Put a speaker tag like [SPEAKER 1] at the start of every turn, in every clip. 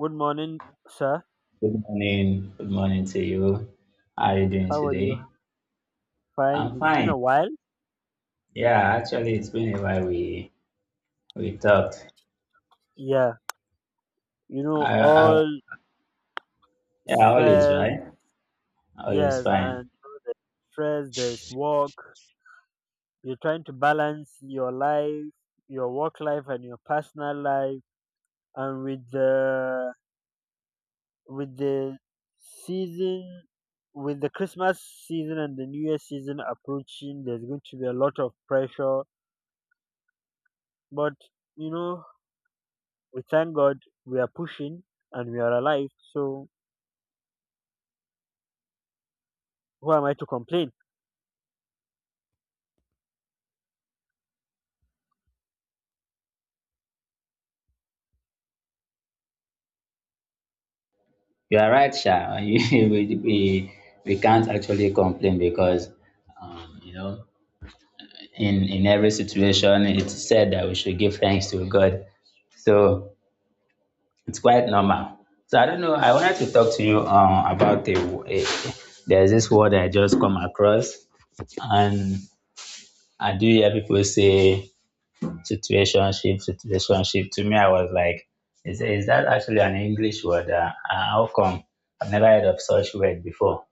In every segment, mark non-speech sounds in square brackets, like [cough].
[SPEAKER 1] Good morning, sir.
[SPEAKER 2] Good morning. Good morning to you. How are you doing
[SPEAKER 1] How are you?
[SPEAKER 2] today?
[SPEAKER 1] Fine.
[SPEAKER 2] I'm
[SPEAKER 1] It's been
[SPEAKER 2] fine.
[SPEAKER 1] a while.
[SPEAKER 2] Yeah, actually, it's been a while we talked.
[SPEAKER 1] Yeah. You know,
[SPEAKER 2] I
[SPEAKER 1] all
[SPEAKER 2] Yeah, always
[SPEAKER 1] stress.
[SPEAKER 2] right. Always
[SPEAKER 1] Yes,
[SPEAKER 2] fine.
[SPEAKER 1] and stress. There's work. You're trying to balance your life, your work life, and your personal life. And with the with the season, with the Christmas season and the New Year season approaching, there's going to be a lot of pressure. But you know, we thank God we are pushing and we are alive. So who am I to complain?
[SPEAKER 2] You are right, Sha. [laughs] We can't actually complain because um, you know in every situation, it's said that we should give thanks to God. So it's quite normal. So I don't know. I wanted to talk to you about a there's this word I just come across. And I do hear people say situationship, situationship. To me, I was like, is that actually an English word? How come? I've never heard of such word before.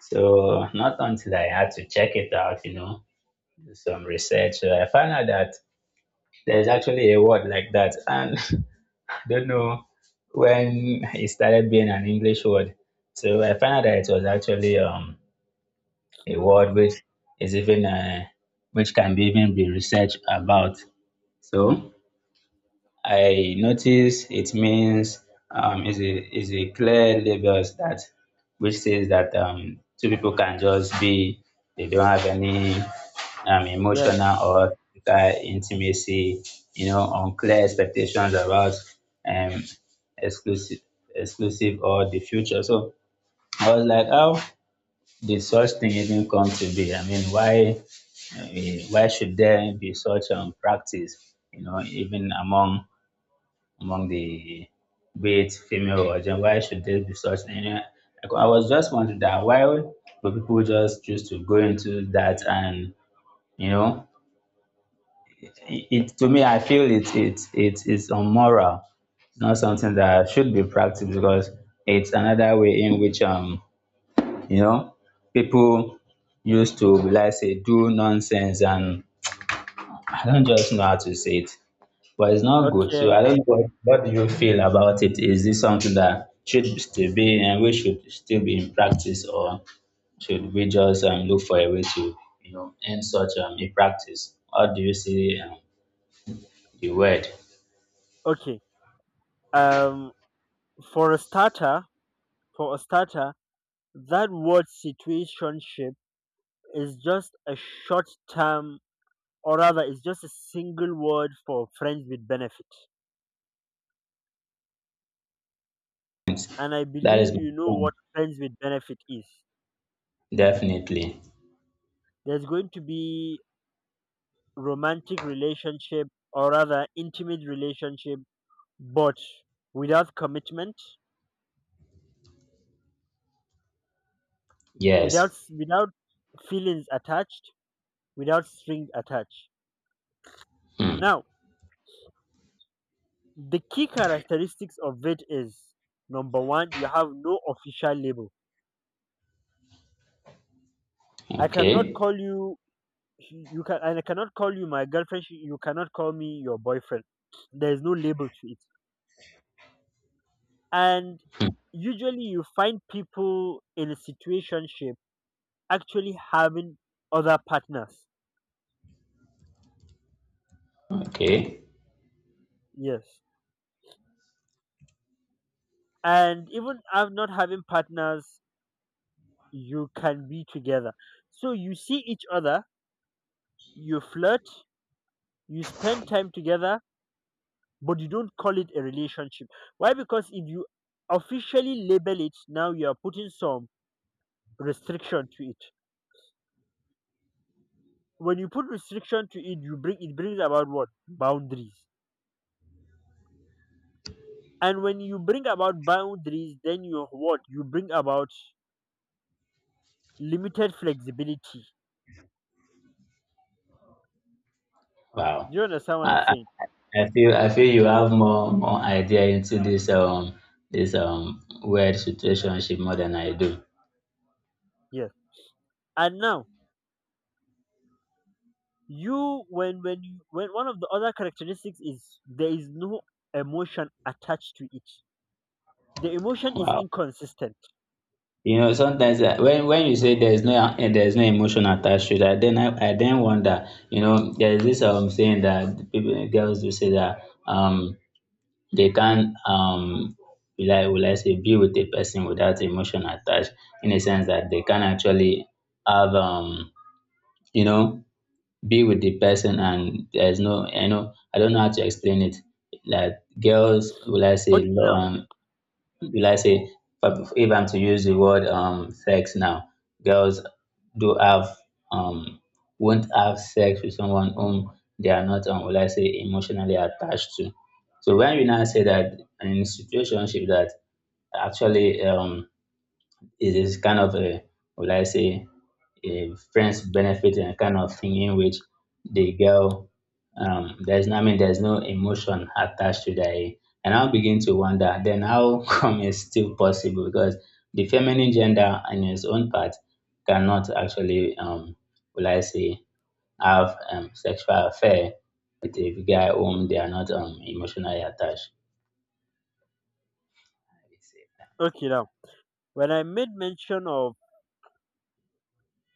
[SPEAKER 2] So, not until I had to check it out, do some research, I found out that there's actually a word like that. And [laughs] I don't know when it started being an English word. So I found out that it was actually a word which is even which can be even be researched about. So I notice it means, is a clear labels that which says that two people can just be. They don't have any
[SPEAKER 1] Yes.
[SPEAKER 2] emotional or physical intimacy. Unclear expectations about um, exclusive exclusive or the future. So I was like, how did such thing even come to be? I mean, why should there be such practice? Even among the, be it female or gen, why should there be such thing? I was just wondering that why do people just choose to go into that, and you know it to me, I feel it is unmoral. It's not something that should be practiced because it's another way in which you know people used to like say do nonsense, and I don't just know how to say it. But it's not good. So
[SPEAKER 1] Okay.
[SPEAKER 2] I don't know, what do you feel about it? Is this something that should still be and we should still be in practice, or should we just look for a way to end such a practice? How do you see the word?
[SPEAKER 1] Okay. Um, for a starter, for a starter, that word situationship is just a short-term, or rather, it's just a single word for friends with benefit. And I
[SPEAKER 2] That
[SPEAKER 1] believe
[SPEAKER 2] is
[SPEAKER 1] you
[SPEAKER 2] my
[SPEAKER 1] know what
[SPEAKER 2] point.
[SPEAKER 1] friends with benefit is.
[SPEAKER 2] Definitely,
[SPEAKER 1] There's going to be romantic relationship, or rather, intimate relationship, but without commitment, without
[SPEAKER 2] yes.
[SPEAKER 1] without feelings attached, without strings attached.
[SPEAKER 2] Hmm.
[SPEAKER 1] Now, the key characteristics of it is number one, you have no official label. I cannot
[SPEAKER 2] Okay.
[SPEAKER 1] call you you can and I cannot call you my girlfriend. You cannot call me your boyfriend. There is no label to it. And
[SPEAKER 2] Hmm.
[SPEAKER 1] usually, you find people in a situationship actually having other partners.
[SPEAKER 2] Okay.
[SPEAKER 1] Yes, and even not having partners, you can be together. So you see each other, you flirt, you spend time together, but you don't call it a relationship. Why? Because if you officially label it now, you are putting some restriction to it. When you put restriction to it, you bring it brings about what boundaries. And when you bring about boundaries, then you what you bring about limited flexibility.
[SPEAKER 2] Wow.
[SPEAKER 1] Do you understand what I'm
[SPEAKER 2] I,
[SPEAKER 1] saying?
[SPEAKER 2] I I feel you have more idea into this weird situationship more than I do.
[SPEAKER 1] Yes. And now you when you when one of the other characteristics is there is no emotion attached to it. The emotion is
[SPEAKER 2] Wow.
[SPEAKER 1] inconsistent.
[SPEAKER 2] Sometimes, when you say there's no, emotion attached to that, then I then wonder. There's this saying that people girls do say that, um they can't, will I say, be with a person without emotion attached, in a sense that they can actually have, you know be with the person, and there's no, I don't know how to explain it. Like, girls, will I say,
[SPEAKER 1] Okay now.
[SPEAKER 2] love, be, I say, but if I'm to use the word sex now, girls do have um won't have sex with someone whom they are not, will I say, emotionally attached to. So when we now say that in situationship that, actually, it is kind of a, will I say, a friends benefit and kind of thing in which the girl, there's no, I mean, there's no emotion attached to that. And I'll begin to wonder then how [laughs] come it's still possible, because the feminine gender in its own part cannot actually, will I say, have sexual affair with a guy whom they are not, emotionally attached.
[SPEAKER 1] Okay now, when I made mention of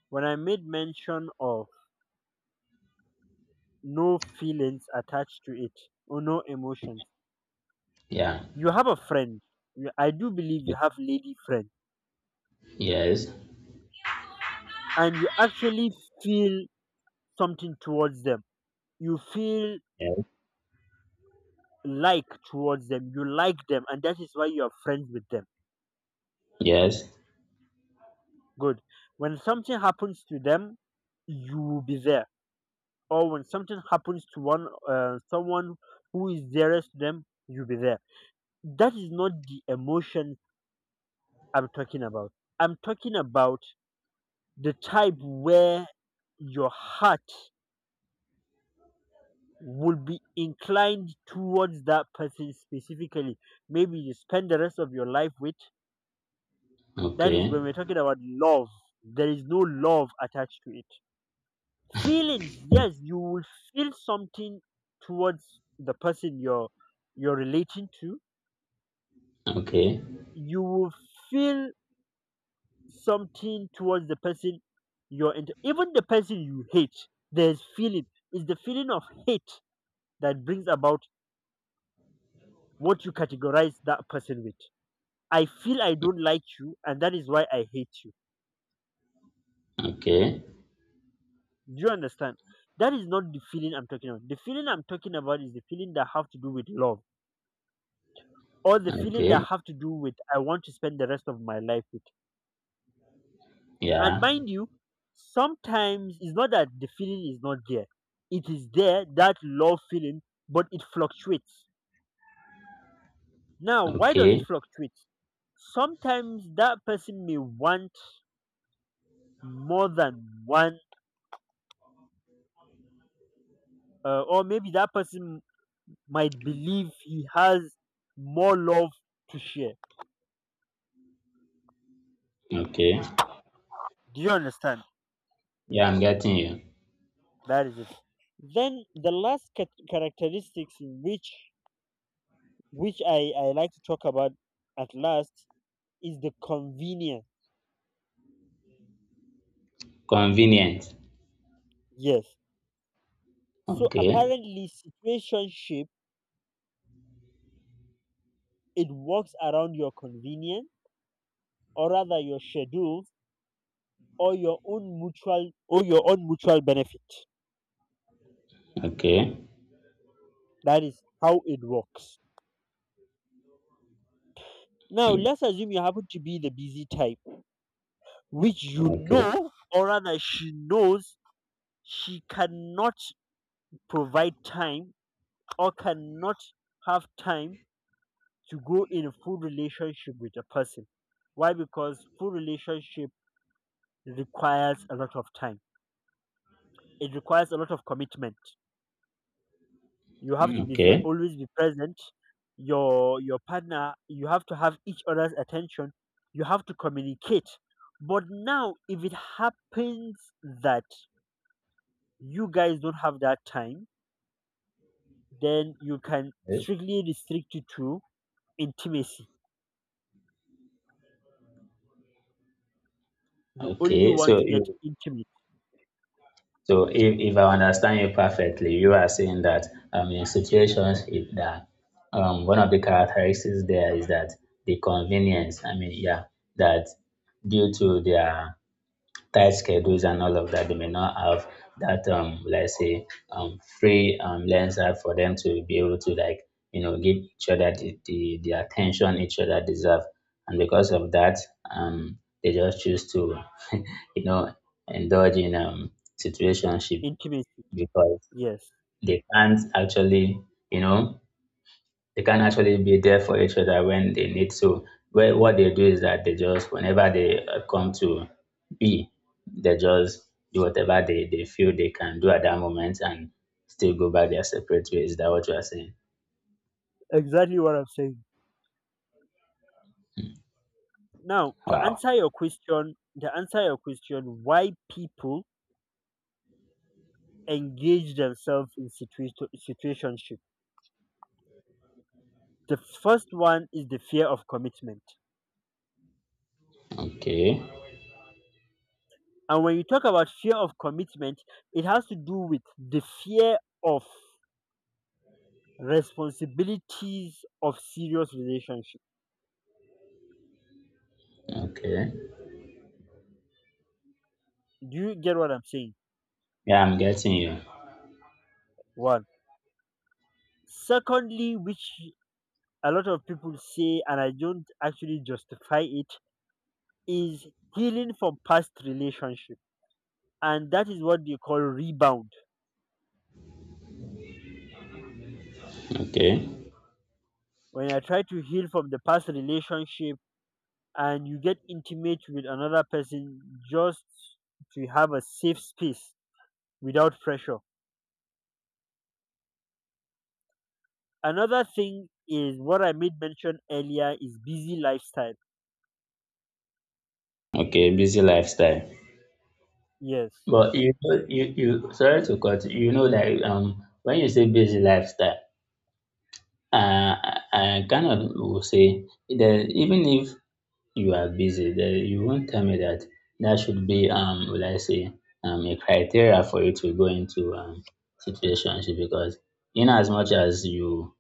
[SPEAKER 1] when I made mention of no feelings attached to it or no emotions,
[SPEAKER 2] Yeah.
[SPEAKER 1] you have a friend. I do believe you have lady friends,
[SPEAKER 2] Yes.
[SPEAKER 1] and you actually feel something towards them. You feel
[SPEAKER 2] Yes.
[SPEAKER 1] like towards them. You like them, and that is why you are friends with them.
[SPEAKER 2] Yes.
[SPEAKER 1] Good. When something happens to them, you will be there. Or when something happens to one someone who is dearest to them, you'll be there. That is not the emotion I'm talking about. I'm talking about the type where your heart would be inclined towards that person specifically. Maybe you spend the rest of your life with. That is
[SPEAKER 2] Okay.
[SPEAKER 1] when we're talking about love. There is no love attached to it. Feelings, yes, you will feel something towards the person you're relating to.
[SPEAKER 2] Okay.
[SPEAKER 1] You will feel something towards the person you're into. Even the person you hate, there's feeling. It's the feeling of hate that brings about what you categorize that person with. I feel I don't like you, and that is why I hate you.
[SPEAKER 2] Okay.
[SPEAKER 1] Do you understand? That is not the feeling I'm talking about. The feeling I'm talking about is the feeling that have to do with love, or the feeling that
[SPEAKER 2] Okay.
[SPEAKER 1] have to do with I want to spend the rest of my life with. And
[SPEAKER 2] Yeah.
[SPEAKER 1] mind you, sometimes it's not that the feeling is not there. It is there, that love feeling, but it fluctuates. Now, why does it
[SPEAKER 2] Okay.
[SPEAKER 1] fluctuate? Sometimes that person may want more than one, or maybe that person might believe he has more love to share.
[SPEAKER 2] Okay.
[SPEAKER 1] Do you understand?
[SPEAKER 2] Yeah, I'm getting you.
[SPEAKER 1] That is it. Then the last characteristics which I like to talk about at last is the convenience.
[SPEAKER 2] Convenient.
[SPEAKER 1] Yes. So
[SPEAKER 2] Okay.
[SPEAKER 1] apparently, situationship, it works around your convenience, or rather your schedules, or your own mutual benefit.
[SPEAKER 2] Okay.
[SPEAKER 1] That is how it works. Now
[SPEAKER 2] Mm.
[SPEAKER 1] let's assume you happen to be the busy type, which you
[SPEAKER 2] Okay.
[SPEAKER 1] know, or rather she knows, she cannot provide time or cannot have time to go in a full relationship with a person. Why? Because full relationship requires a lot of time, it requires a lot of commitment. You have to
[SPEAKER 2] Mm.
[SPEAKER 1] be there,
[SPEAKER 2] Okay.
[SPEAKER 1] always be present. Your partner, you have to have each other's attention. You have to communicate. But now, if it happens that you guys don't have that time, then you can
[SPEAKER 2] Yes.
[SPEAKER 1] strictly restrict it to intimacy. You only
[SPEAKER 2] Okay.
[SPEAKER 1] want
[SPEAKER 2] So
[SPEAKER 1] to get
[SPEAKER 2] you
[SPEAKER 1] intimate.
[SPEAKER 2] so if, if I understand you perfectly, you are saying that, in situations, that, one of the characteristics there is that the convenience, I mean, yeah, that due to their tight schedules and all of that, they may not have that, let's say, free lens, that for them to be able to, like, give each other the attention each other deserve. And because of that, they just choose to [laughs] you know indulge in situationship,
[SPEAKER 1] Intimacy.
[SPEAKER 2] because
[SPEAKER 1] Yes,
[SPEAKER 2] they can't actually you know they can actually be there for each other when they need to. What they do is that they just whenever they come to be, they just do whatever they feel they can do at that moment, and still go back their separate ways. Is that what you are saying?
[SPEAKER 1] exactly what I'm saying. Now, to
[SPEAKER 2] Wow.
[SPEAKER 1] answer your question, why people engage themselves in situationship. The first one is the fear of commitment.
[SPEAKER 2] Okay.
[SPEAKER 1] And when you talk about fear of commitment, it has to do with the fear of responsibilities of serious relationship.
[SPEAKER 2] Okay.
[SPEAKER 1] Do you get what I'm saying?
[SPEAKER 2] Yeah, I'm getting you.
[SPEAKER 1] One. Secondly, which a lot of people say, and I don't actually justify it, is healing from past relationship. And that is what they call rebound.
[SPEAKER 2] Okay.
[SPEAKER 1] When I try to heal from the past relationship, and you get intimate with another person just to have a safe space without pressure. Another thing is what I made mention earlier is busy lifestyle.
[SPEAKER 2] Okay. Busy lifestyle.
[SPEAKER 1] Yes.
[SPEAKER 2] But you sorry to cut you, you know like, when you say busy lifestyle, I kind of will say that, even if you are busy, then you won't tell me that should be, will I say, a criteria for you to go into situationship because, in as much as you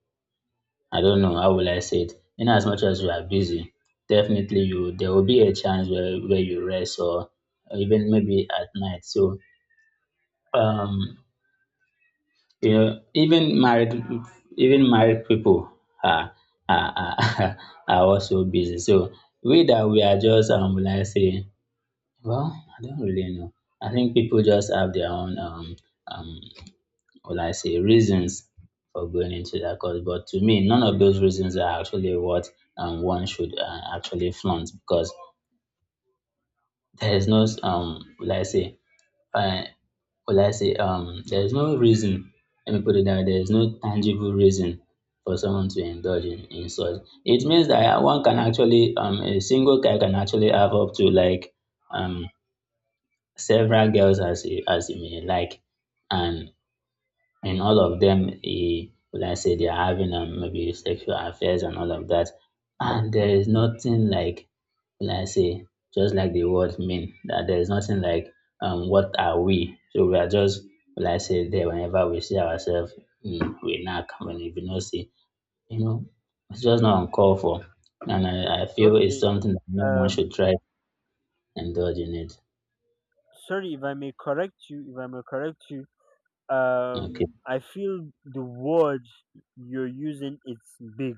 [SPEAKER 2] I don't know how will I say it, in as much as you are busy, definitely you, there will be a chance where you rest, or even maybe at night. So, um even married people are are are, [laughs] are also busy. So, we that we are just, will I say, well, I don't really know. I think people just have their own, um, will I say, reasons for going into that course. But to me, none of those reasons are actually what, one should, actually flaunt, because there is no, uh, will I say, there is no reason. Let me put it that way, there is no tangible reason for someone to indulge in such. It means that one can actually, a single guy can actually have up to like, um, several girls as you may like, and in all of them, he, will I say, they are having, maybe, sexual affairs and all of that, and there is nothing like, will I say, just like the word mean, that there is nothing like, what are we, so we are just, will I say, there, whenever we see ourselves, we knack. When, if you no see, you know it's just not uncalled for, and I feel it's
[SPEAKER 1] Okay.
[SPEAKER 2] something that no one
[SPEAKER 1] Um
[SPEAKER 2] should try to indulge in it.
[SPEAKER 1] sorry, if I may correct you, if I may correct you.
[SPEAKER 2] Okay.
[SPEAKER 1] I feel the word you're using, it's big.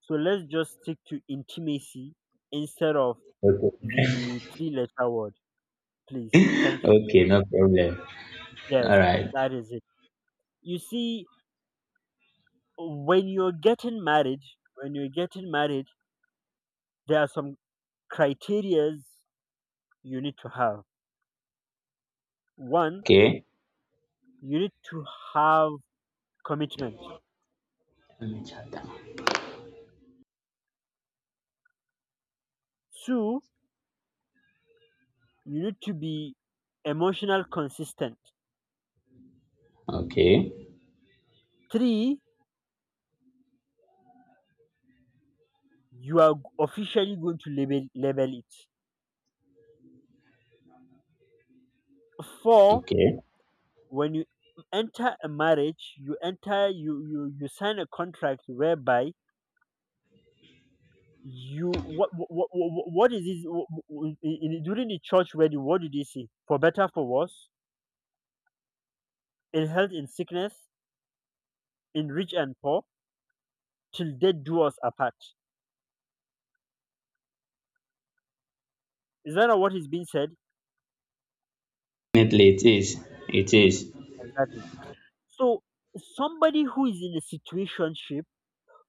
[SPEAKER 1] So let's just stick to intimacy instead of
[SPEAKER 2] Okay.
[SPEAKER 1] the three letter word, please. Thank
[SPEAKER 2] [laughs]
[SPEAKER 1] you.
[SPEAKER 2] Okay, no problem. All
[SPEAKER 1] Yes,
[SPEAKER 2] right.
[SPEAKER 1] that is it. You see, when you're getting married, when you're getting married, there are some criterias you need to have. One,
[SPEAKER 2] Okay.
[SPEAKER 1] you need to have commitment.
[SPEAKER 2] Let me jot down.
[SPEAKER 1] Two, you need to be emotional consistent.
[SPEAKER 2] Okay.
[SPEAKER 1] Three, you are officially going to label it. Four,
[SPEAKER 2] Okay.
[SPEAKER 1] when you enter a marriage, you sign a contract whereby. You What is this in, during the church wedding? What did they say? For better, for worse, in health, in sickness, in rich and poor, till death do us apart. Is that not what is being said?
[SPEAKER 2] Definitely it is. It is.
[SPEAKER 1] Exactly. So somebody who is in a situationship,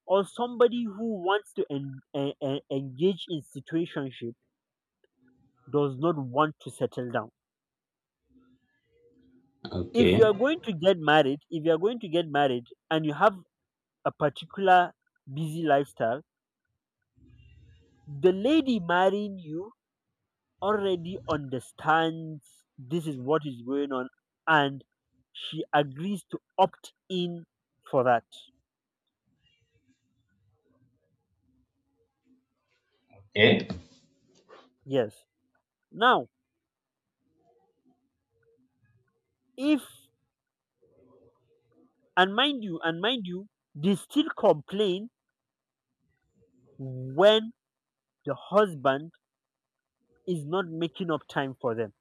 [SPEAKER 1] or somebody who wants to engage in situationship, does not want to settle down. If you are
[SPEAKER 2] Okay.
[SPEAKER 1] going to get married, if you are going to get married and you have a particular busy lifestyle, the lady marrying you already understands this is what is going on, and she agrees to opt in for that.
[SPEAKER 2] Okay.
[SPEAKER 1] Yes. Now, if, and mind you, they still complain when the husband is not making up time for them.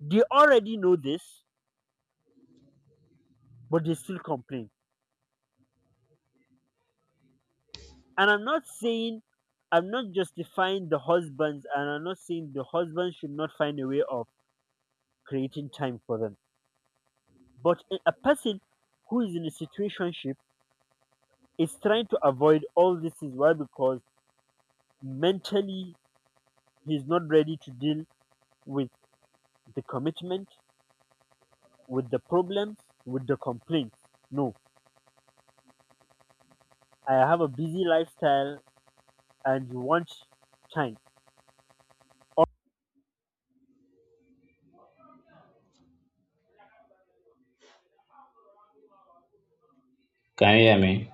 [SPEAKER 1] They already know this, but they still complain. And I'm not saying, I'm not justifying the husbands, and I'm not saying the husbands should not find a way of creating time for them. But a person who is in a situationship is trying to avoid all this is why because mentally he's not ready to deal with the commitment, with the problems, with the complaints. No, I have a busy lifestyle and you want time.
[SPEAKER 2] Can you hear me?